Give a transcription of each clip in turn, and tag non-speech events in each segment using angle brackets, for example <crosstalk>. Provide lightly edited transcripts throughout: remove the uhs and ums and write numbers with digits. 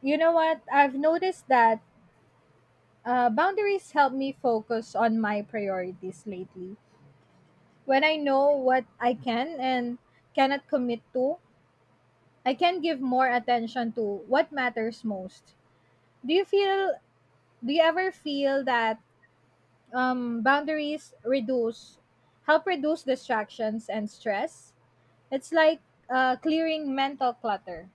You know what? I've noticed that boundaries help me focus on my priorities lately. When I know what I can and cannot commit to, I can give more attention to what matters most. Do you feel? Do you ever feel that boundaries help reduce distractions and stress? It's like clearing mental clutter.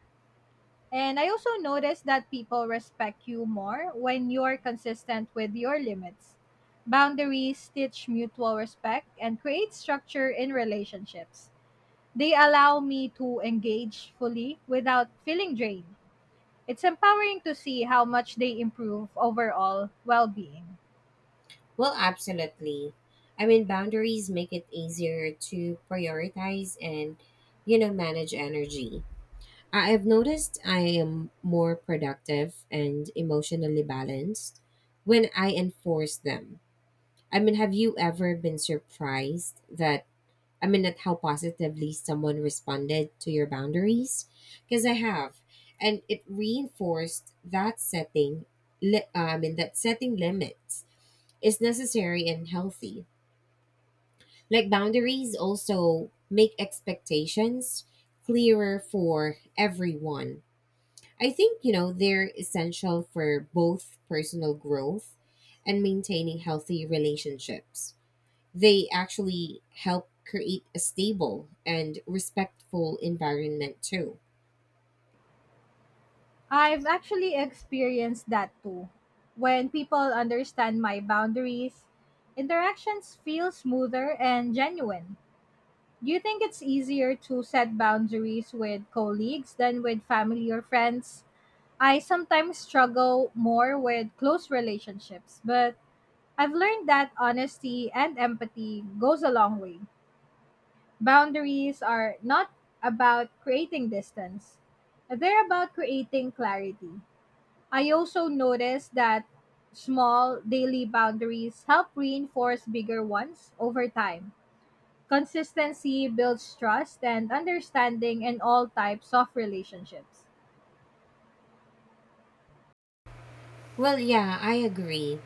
And I also noticed that people respect you more when you're consistent with your limits. Boundaries teach mutual respect and create structure in relationships. They allow me to engage fully without feeling drained. It's empowering to see how much they improve overall well being. Well, absolutely. I mean, boundaries make it easier to prioritize and, manage energy. I've noticed I am more productive and emotionally balanced when I enforce them. I mean, have you ever been surprised at how positively someone responded to your boundaries? Because I have. And it reinforced that setting, li- I mean, that setting limits is necessary and healthy like boundaries also make expectations clearer for everyone. I think, they're essential for both personal growth and maintaining healthy relationships. They actually help create a stable and respectful environment too. I've actually experienced that too. When people understand my boundaries, interactions feel smoother and genuine. Do you think it's easier to set boundaries with colleagues than with family or friends? I sometimes struggle more with close relationships, but I've learned that honesty and empathy goes a long way. Boundaries are not about creating distance. They're about creating clarity. I also noticed that small daily boundaries help reinforce bigger ones over time. Consistency builds trust and understanding in all types of relationships. Well, yeah, I agree.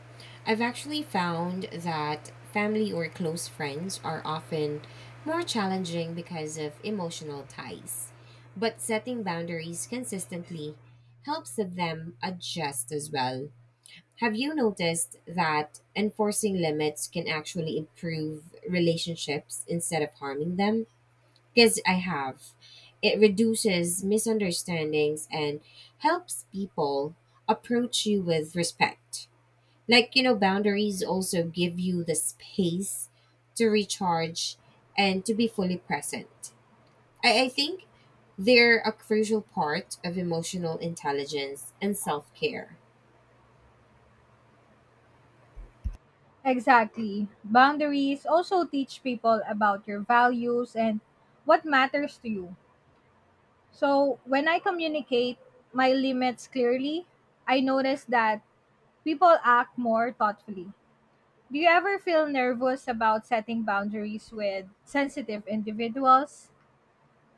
I've actually found that family or close friends are often more challenging because of emotional ties. But setting boundaries consistently helps them adjust as well. Have you noticed that enforcing limits can actually improve relationships instead of harming them? Because I have. It reduces misunderstandings and helps people approach you with respect. Like, boundaries also give you the space to recharge and to be fully present. I think they're a crucial part of emotional intelligence and self care. Exactly. Boundaries also teach people about your values and what matters to you. So, when I communicate my limits clearly, I notice that people act more thoughtfully. Do you ever feel nervous about setting boundaries with sensitive individuals?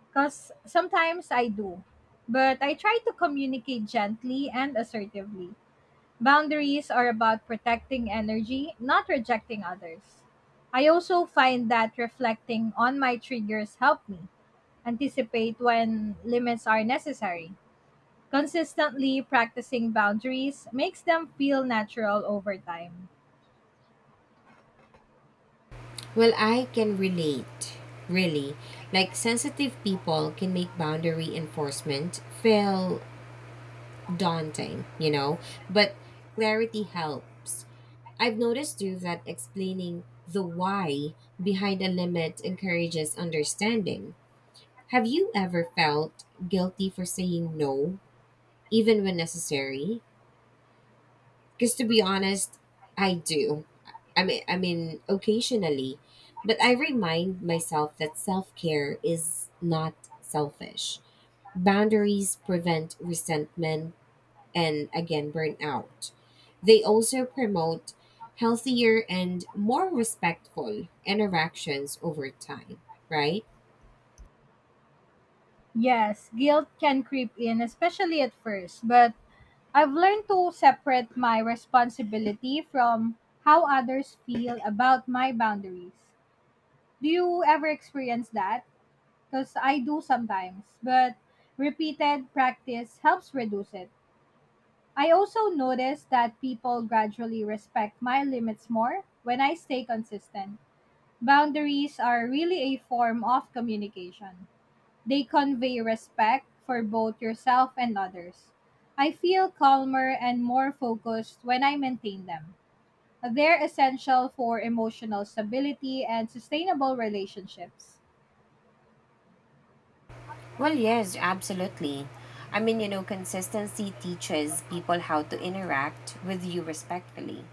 Because sometimes I do, but I try to communicate gently and assertively. Boundaries are about protecting energy, not rejecting others. I also find that reflecting on my triggers help me anticipate when limits are necessary. Consistently practicing boundaries makes them feel natural over time. But Well, I I can relate, really. think Like, that's sensitive people can make boundary enforcement feel daunting, but clarity helps. I've noticed too that explaining the why behind a limit encourages understanding. Have you ever felt guilty for saying no, the even problem. when necessary? Because to be honest, I do. Occasionally, but I remind myself that self care is not selfish. Boundaries prevent resentment and again burnout. They also promote healthier and more respectful interactions over time, right? Yes, guilt can creep in, especially at first, but I've learned to separate my responsibility from how others feel about my boundaries. Do you ever experience that? Because I do sometimes, but repeated practice helps reduce it. I also notice that people gradually respect my limits more when I stay consistent. Boundaries are really a form of communication. They convey respect for both yourself and others. I feel calmer and more focused when I maintain them. They're essential for emotional stability and sustainable relationships. Well, yes, absolutely. Consistency teaches people how to interact with you respectfully.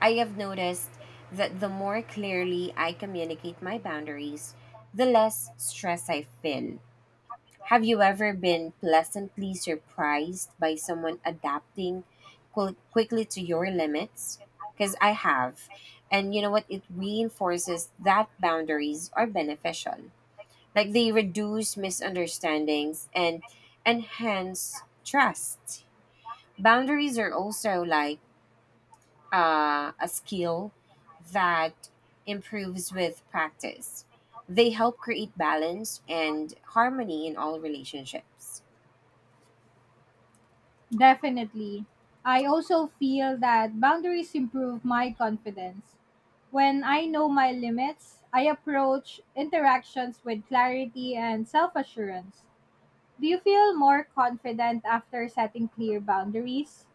I have noticed that the more clearly I communicate my boundaries, the less stress I feel. Have you ever been pleasantly surprised by someone adapting quickly to your limits? Because I have. And you know what? It reinforces that boundaries are beneficial. Like they reduce misunderstandings and enhance trust. Boundaries are also like a skill that improves with practice. They help create balance and harmony in all relationships. Definitely. I also feel that boundaries improve my confidence. When I know my limits, I approach interactions with clarity and self assurance. Do you feel more confident after setting clear boundaries?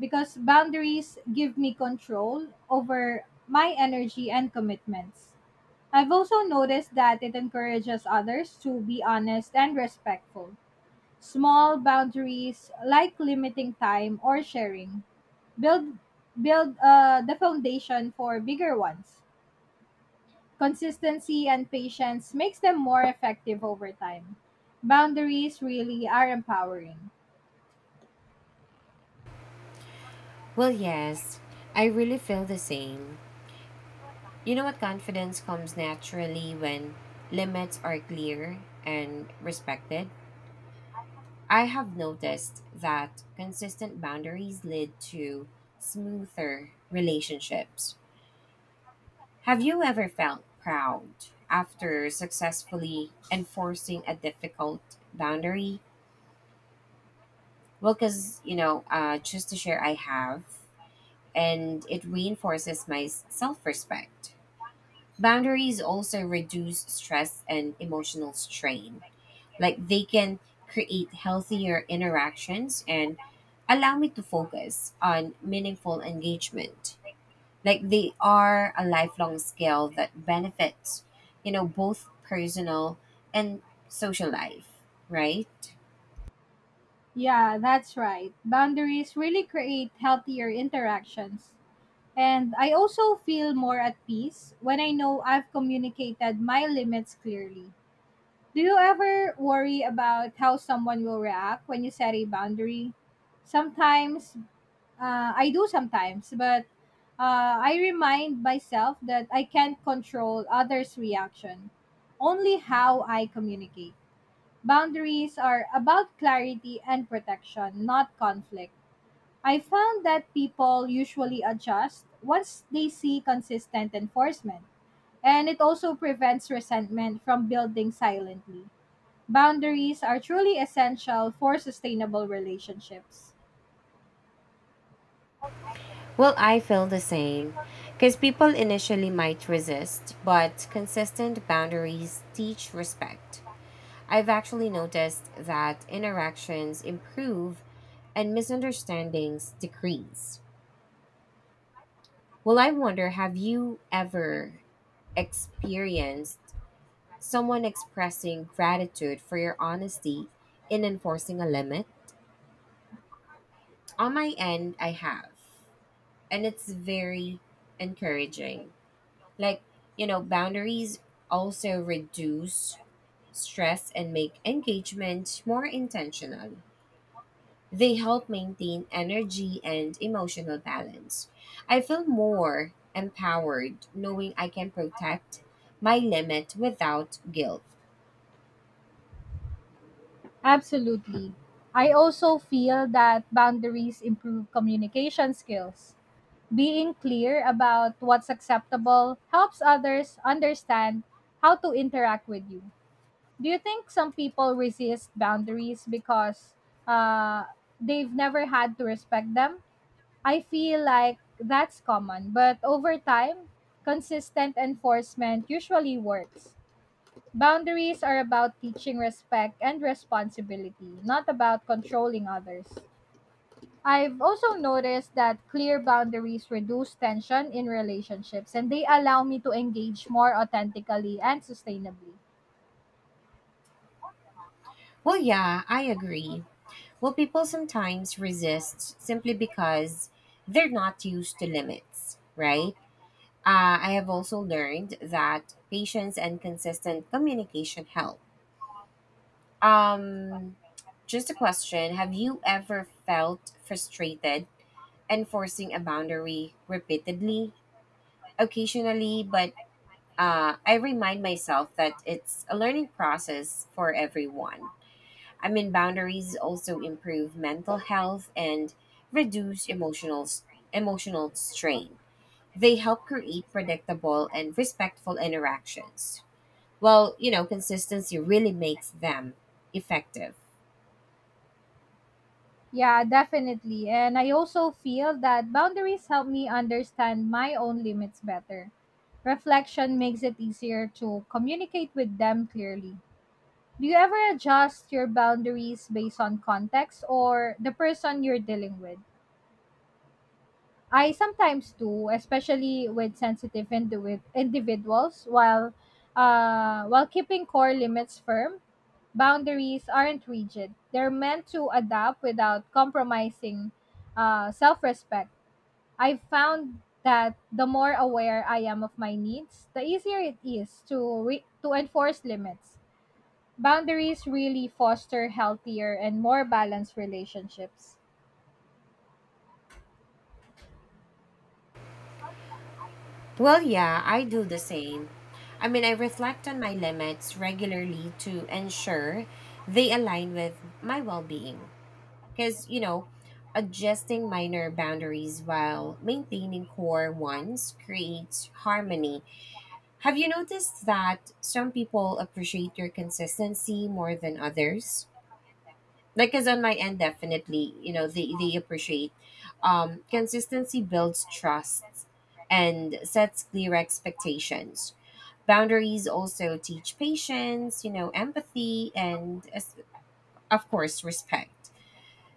Because boundaries give me control over my energy and commitments. I've also noticed that it encourages others to be honest and respectful. Small boundaries, like limiting time or sharing, build build the foundation for bigger ones. Consistency and patience makes them more effective over time. Boundaries really are empowering. Well, yes, I really feel the same. You know what? Confidence comes naturally when limits are clear and respected. I have noticed that consistent boundaries lead to smoother relationships. Have you ever felt proud after successfully enforcing a difficult boundary? Well, because, just to share, I have, and it reinforces my self respect. Boundaries also reduce stress and emotional strain. Like they can create healthier interactions and allow me to focus on meaningful engagement. Like they are a lifelong skill that benefits, both personal and social life, right? Yeah, that's right. Boundaries really create healthier interactions. And I also feel more at peace when I know I've communicated my limits clearly. Do you ever worry about how someone will react when you set a boundary? Sometimes, I do sometimes, but I remind myself that I can't control others' reaction, only how I communicate. Boundaries are about clarity and protection, not conflict. I found that people usually adjust once they see consistent enforcement, and it also prevents resentment from building silently. Boundaries are truly essential for sustainable relationships. Well, I feel the same. Because people initially might resist, but consistent boundaries teach respect. I've actually noticed that interactions improve and misunderstandings decrease. Well, I wonder have you ever experienced someone expressing gratitude for your honesty in enforcing a limit? On my end, I have, and it's very encouraging. Like, boundaries also reduce stress and make engagement more intentional. They help maintain energy and emotional balance. I feel more empowered knowing I can protect my limit without guilt. Absolutely. I also feel that boundaries improve communication skills. Being clear about what's acceptable helps others understand how to interact with you. Do you think some people resist boundaries because uh, they've never had to respect them? I feel like that's common, but over time, consistent enforcement usually works. Boundaries are about teaching respect and responsibility, not about controlling others. I've also noticed that clear boundaries reduce tension in relationships and they allow me to engage more authentically and sustainably. Well, yeah, I agree. Well, people sometimes resist simply because they're not used to limits, right? I have also learned that patience and consistent communication help. Um, just a question. Have you ever felt frustrated enforcing a boundary repeatedly? Occasionally, but I remind myself that it's a learning process for everyone. I mean, boundaries also improve mental health and reduce emotional strain. They help create predictable and respectful interactions. Well, consistency really makes them effective. Yeah, definitely. And I also feel that boundaries help me understand my own limits better. Reflection makes it easier to communicate with them clearly. Do you ever adjust your boundaries based on context or the person you're dealing with? I sometimes do, especially with individuals. While keeping core limits firm, boundaries aren't rigid. They're meant to adapt without compromising self-respect. I've found that the more aware I am of my needs, the easier it is to enforce limits. Boundaries really foster healthier and more balanced relationships. Well, yeah, I do the same. I mean, I reflect on my limits regularly to ensure they align with my well being. Because, adjusting minor boundaries while maintaining core ones creates harmony. Have you noticed that some people appreciate your consistency more than others? Because on my end definitely, they appreciate. Consistency builds trust and sets clear expectations. Boundaries also teach patience, empathy and of course respect.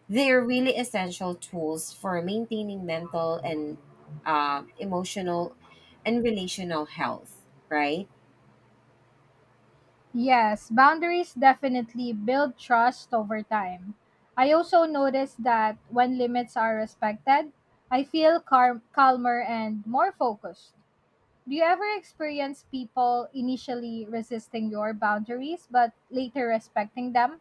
They're really essential tools for maintaining mental and emotional and relational health, right? Yes, boundaries definitely build trust over time. I also noticed that when limits are respected, I feel calmer and more focused. Do you ever experience people initially resisting your boundaries but later respecting them?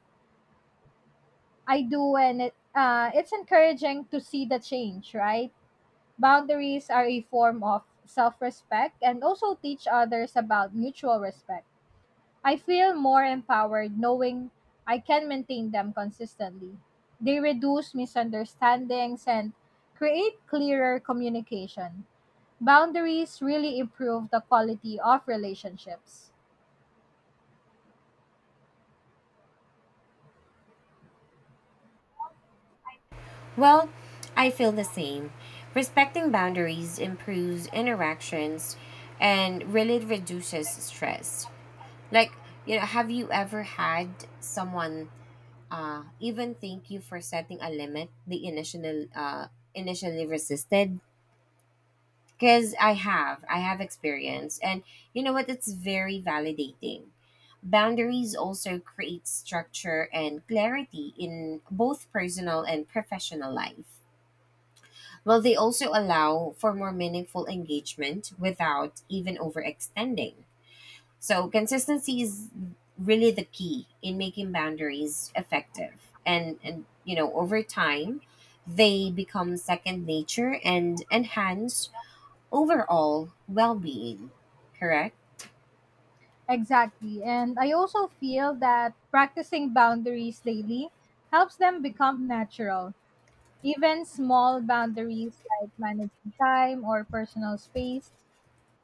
I do, and it's encouraging to see the change, right? Boundaries are a form of self respect and also teach others about mutual respect. I feel more empowered knowing I can maintain them consistently. They reduce misunderstandings and create clearer communication. Boundaries really improve the quality of relationships. Well, I feel the same. Respecting boundaries improves interactions and really reduces stress. Like, have you ever had someone even thank you for setting a limit they initially resisted? Because I have experience. And you know what? It's very validating. Boundaries also create structure and clarity in both personal and professional life. Will they also allow for more meaningful engagement without even overextending? So, consistency is really the key in making boundaries effective. And, you know, over time, they become second nature and enhance overall well being, correct? Exactly. And I also feel that practicing boundaries daily helps them become natural. Even small boundaries like managing time or personal space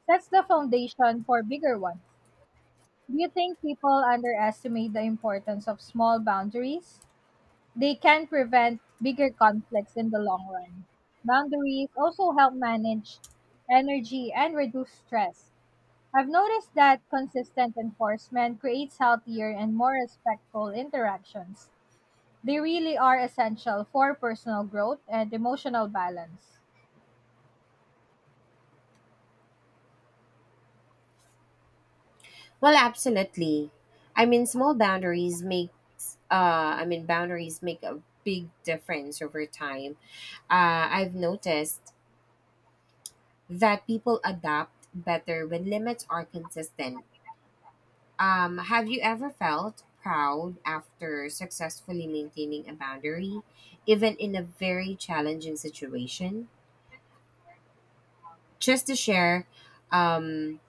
sets the foundation for bigger ones. Do you think people underestimate the importance of small boundaries? They can prevent bigger conflicts in the long run. Boundaries also help manage energy and reduce stress. I've noticed that consistent enforcement creates healthier and more respectful interactions. They really are essential for personal growth and emotional balance. Well, absolutely. I mean, small boundaries make I mean, Boundaries make a big difference over time. I've noticed that people adapt better when limits are consistent. Have you ever felt proud after successfully maintaining a boundary, even in a very challenging situation? Just to share, um,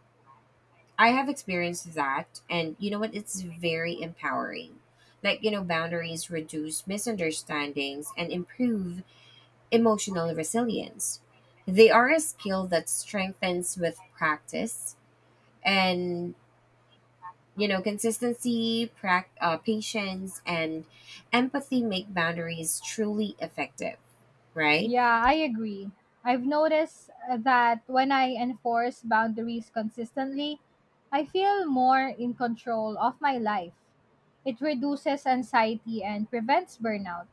I have experienced that, and you know what? It's very empowering. Like, boundaries reduce misunderstandings and improve emotional resilience. They are a skill that strengthens with practice and patience and empathy make boundaries truly effective, right? Yeah, I agree. I've noticed that when I enforce boundaries consistently, I feel more in control of my life. It reduces anxiety and prevents burnout.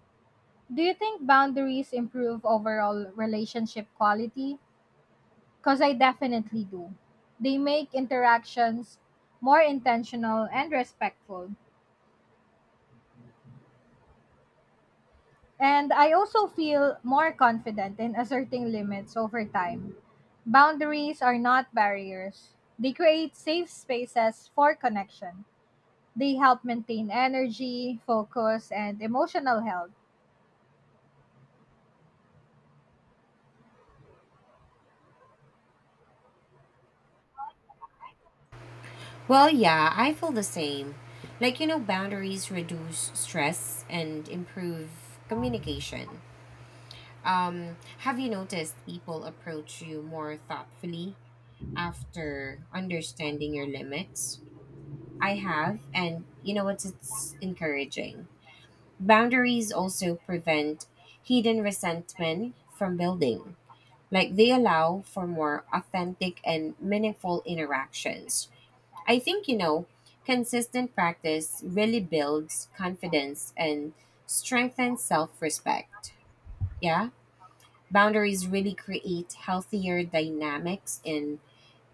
Do you think boundaries improve overall relationship quality? Because I definitely do. They make interactions more intentional and respectful. And I also feel more confident in asserting limits over time. Boundaries are not barriers, they create safe spaces for connection. They help maintain energy, focus, and emotional health. Well, yeah, I feel the same. Like, boundaries reduce stress and improve communication. Have you noticed people approach you more thoughtfully after understanding your limits? I have, and you know what? It's encouraging. Boundaries also prevent hidden resentment from building. Like they allow for more authentic and meaningful interactions. I think, consistent practice really builds confidence and strengthens self respect. Yeah. Boundaries really create healthier dynamics in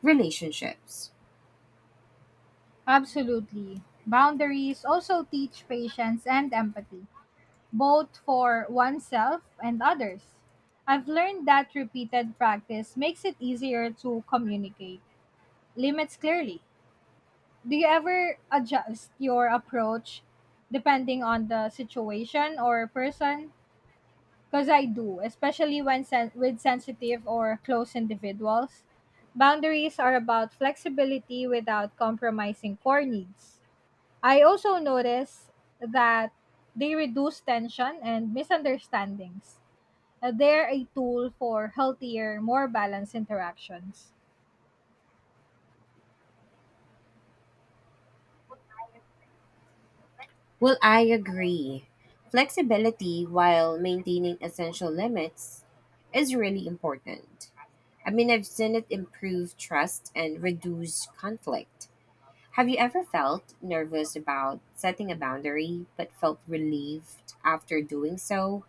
relationships. Absolutely. Boundaries also teach patience and empathy, both for oneself and others. I've learned that repeated practice makes it easier to communicate limits clearly. Do you ever adjust your approach depending on the situation or person? Because I do, especially with sensitive or close individuals. Boundaries are about flexibility without compromising core needs. I also notice that they reduce tension and misunderstandings. They're a tool for healthier, more balanced interactions. Well, I agree. Flexibility while maintaining essential limits is really important. I mean, I've seen it improve trust and reduce conflict. Have you ever felt nervous about setting a boundary but felt relieved after doing so?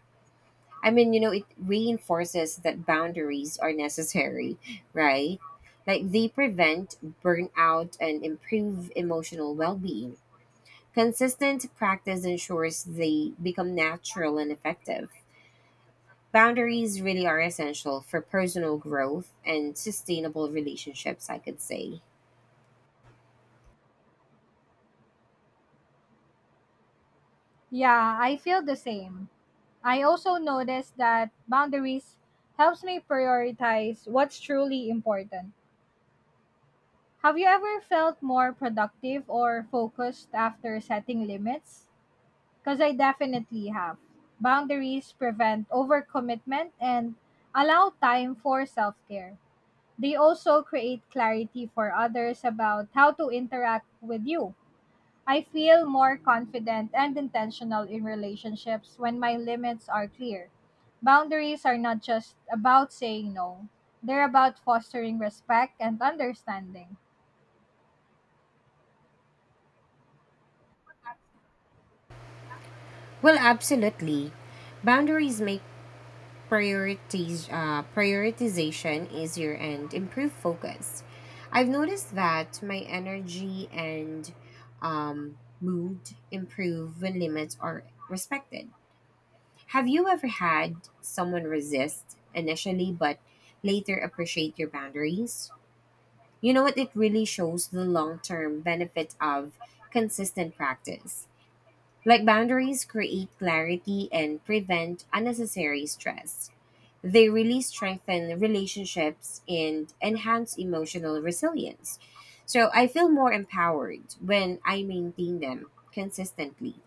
I mean, it reinforces that boundaries are necessary, <laughs> right? Like they prevent burnout and improve emotional well being. Consistent practice ensures they become natural and effective. Boundaries really are essential for personal growth and sustainable relationships, I could say. Yeah, I feel the same. I also noticed that boundaries helps me prioritize what's truly important. Have you ever felt more productive or focused after setting limits? Because I definitely have. Boundaries prevent overcommitment and allow time for self care. They also create clarity for others about how to interact with you. I feel more confident and intentional in relationships when my limits are clear. Boundaries are not just about saying no, they're about fostering respect and understanding. Well, absolutely. Boundaries make prioritization easier and improve focus. I've noticed that my energy and mood improve when limits are respected. Have you ever had someone resist initially but later appreciate your boundaries? You know what? It really shows the long term benefit of consistent practice. Like boundaries create clarity and prevent unnecessary stress. They really strengthen relationships and enhance emotional resilience. So I feel more empowered when I maintain them consistently.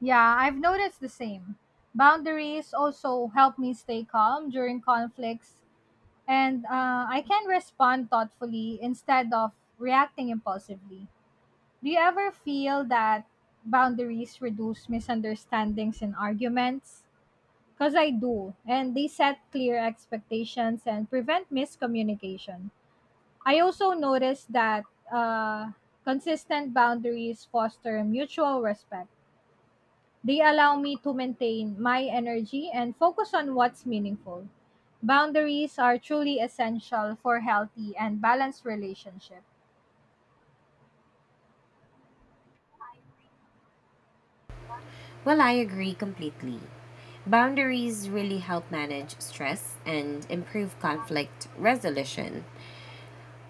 Yeah, I've noticed the same. Boundaries also help me stay calm during conflicts, and I can respond thoughtfully instead of reacting impulsively. Do you ever feel that boundaries reduce misunderstandings in arguments? Because I do, and they set clear expectations and prevent miscommunication. I also noticed that uh, consistent boundaries foster mutual respect. They allow me to maintain my energy and focus on what's meaningful. Boundaries are truly essential for healthy and balanced relationships. Well, I agree completely. Boundaries really help manage stress and improve conflict resolution.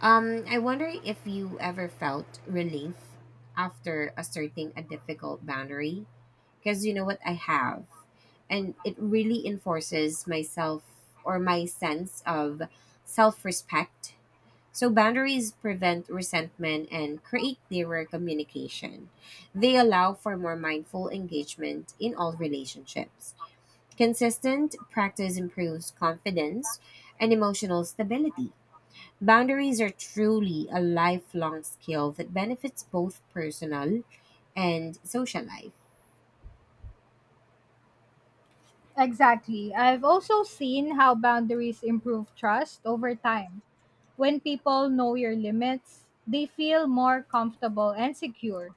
I wonder if you ever felt relief after asserting a difficult boundary. Because you know what? I have. And it really enforces myself or my sense of self respect. So, boundaries prevent resentment and create clearer communication. They allow for more mindful engagement in all relationships. Consistent practice improves confidence and emotional stability. Boundaries are truly a lifelong skill that benefits both personal and social life. Exactly. I've also seen how boundaries improve trust over time. When people know your limits, they feel more comfortable and secure.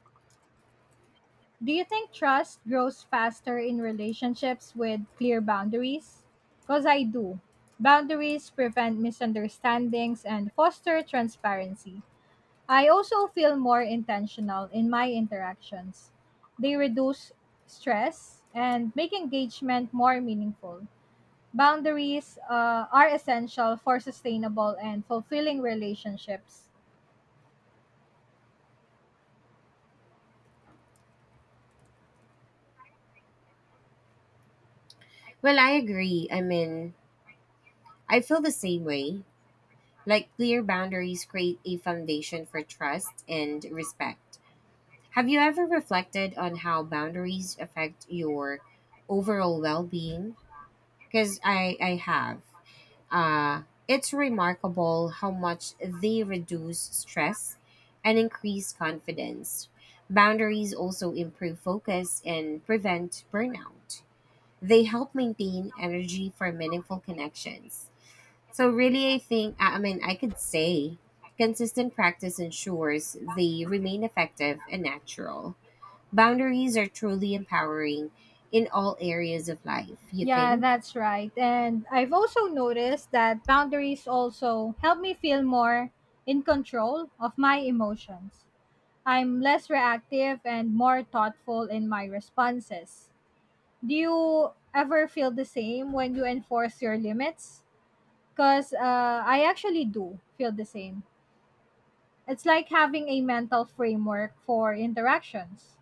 Do you think trust grows faster in relationships with clear boundaries? Because I do. Boundaries prevent misunderstandings and foster transparency. I also feel more intentional in my interactions. They reduce stress and make engagement more meaningful. Boundaries are essential for sustainable and fulfilling relationships. Well, I agree. I mean, I feel the same way. Like, clear boundaries create a foundation for trust and respect. Have you ever reflected on how boundaries affect your overall well being? Because I have. Uh, it's remarkable how much they reduce stress and increase confidence. Boundaries also improve focus and prevent burnout. They help maintain energy for meaningful connections. So, really, I think, I mean, I could say consistent practice ensures they remain effective and natural. Boundaries are truly empowering in all areas of life, you Yeah, think? that's right. And I've also noticed that boundaries also help me feel more in control of my emotions. I'm less reactive and more thoughtful in my responses. Do you ever feel the same when you enforce your limits? Because I actually do feel the same. It's like having a mental framework for interactions.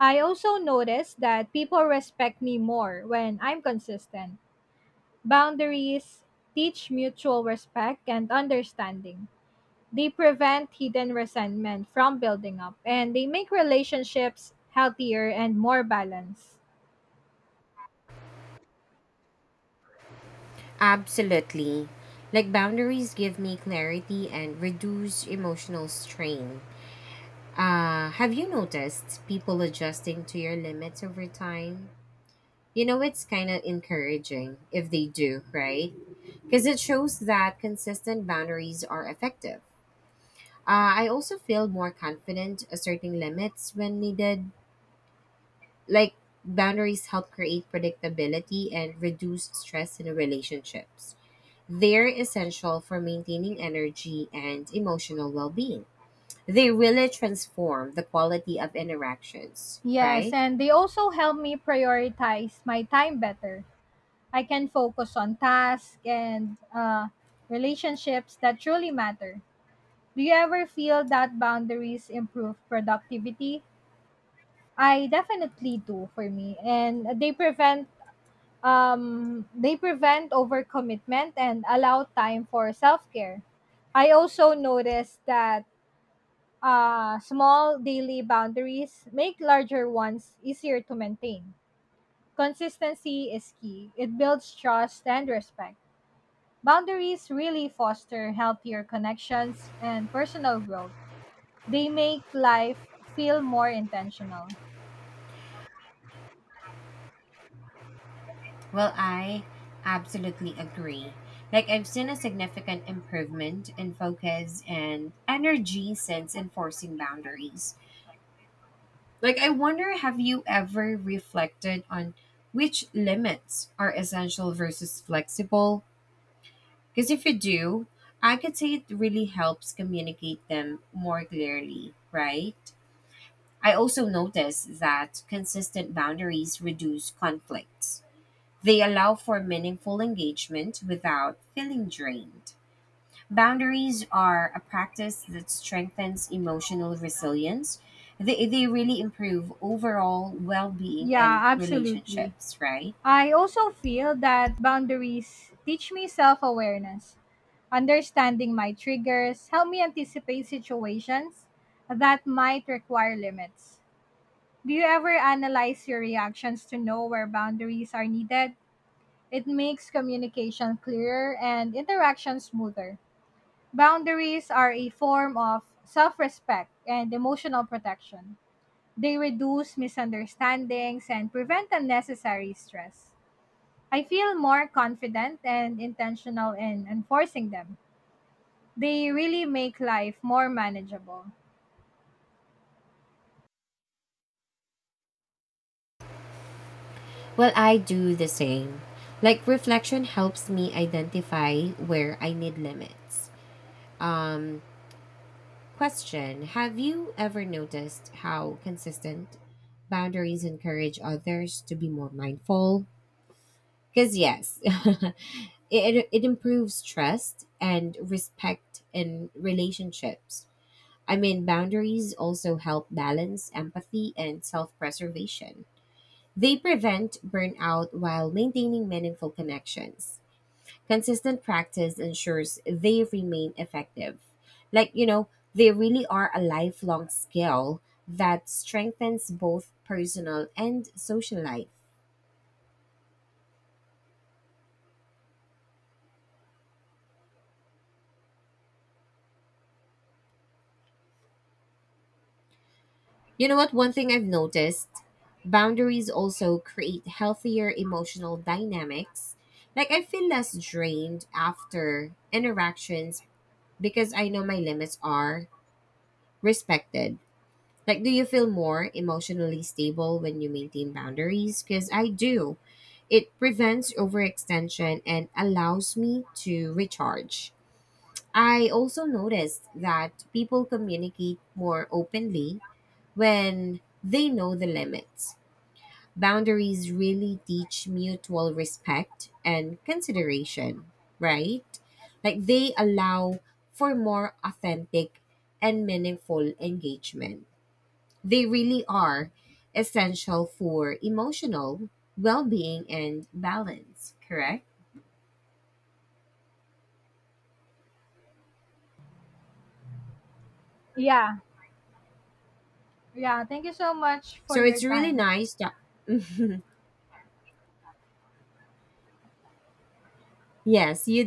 I also notice that people respect me more when I'm consistent. Boundaries teach mutual respect and understanding. They prevent hidden resentment from building up and they make relationships healthier and more balanced. Absolutely. Like boundaries give me clarity and reduce emotional strain. Have you noticed people adjusting to your limits over time? You know, it's kind of encouraging if they do, right? Because it shows that consistent boundaries are effective. I also feel more confident asserting limits when needed. Like, boundaries help create predictability and reduce stress in relationships. They're essential for maintaining energy and emotional well being. They really transform the quality of interactions, Yes, right? and they also help me prioritize my time better. I can focus on tasks and relationships that truly matter. Do you ever feel that boundaries improve productivity? I definitely do for me, and they prevent overcommitment and allow time for self care. I also noticed that small daily boundaries make larger ones easier to maintain. Consistency is key, it builds trust and respect. Boundaries really foster healthier connections and personal growth. They make life feel more intentional. Well, I absolutely agree. Like, I've seen a significant improvement in focus and energy since enforcing boundaries. Like, I wonder have you ever reflected on which limits are essential versus flexible? Because if you do, I could say it really helps communicate them more clearly, right? I also noticed that consistent boundaries reduce conflicts. They allow for meaningful engagement without feeling drained. Boundaries are a practice that strengthens emotional resilience. They really improve overall well being and Yeah, absolutely. relationships, right? I also feel that boundaries teach me self awareness. Understanding my triggers help me anticipate situations that might require limits. Do you ever analyze your reactions to know where boundaries are needed? It makes communication clearer and interaction smoother. Boundaries are a form of self respect and emotional protection. They reduce misunderstandings and prevent unnecessary stress. I feel more confident and intentional in enforcing them. They really make life more manageable. Well, I do the same. Like reflection helps me identify where I need limits. Um, Question, have you ever noticed how consistent boundaries encourage others to be more mindful? Cuz yes, <laughs> it improves trust and respect in relationships. I mean, boundaries also help balance empathy and self-preservation. They prevent burnout while maintaining meaningful connections. Consistent practice ensures they remain effective. Like, they really are a lifelong skill that strengthens both personal and social life. You know what? One thing I've noticed, boundaries also create healthier emotional dynamics. Like, I feel less drained after interactions because I know my limits are respected. Like, do you feel more emotionally stable when you maintain boundaries? Because I do. It prevents overextension and allows me to recharge. I also noticed that people communicate more openly when they know the limits. Boundaries really teach mutual respect and consideration, right? Like, they allow for more authentic and meaningful engagement. They really are essential for emotional well being and balance, correct? Yeah. Yeah, thank you so much for So your it's really time. nice. <laughs> Yes, you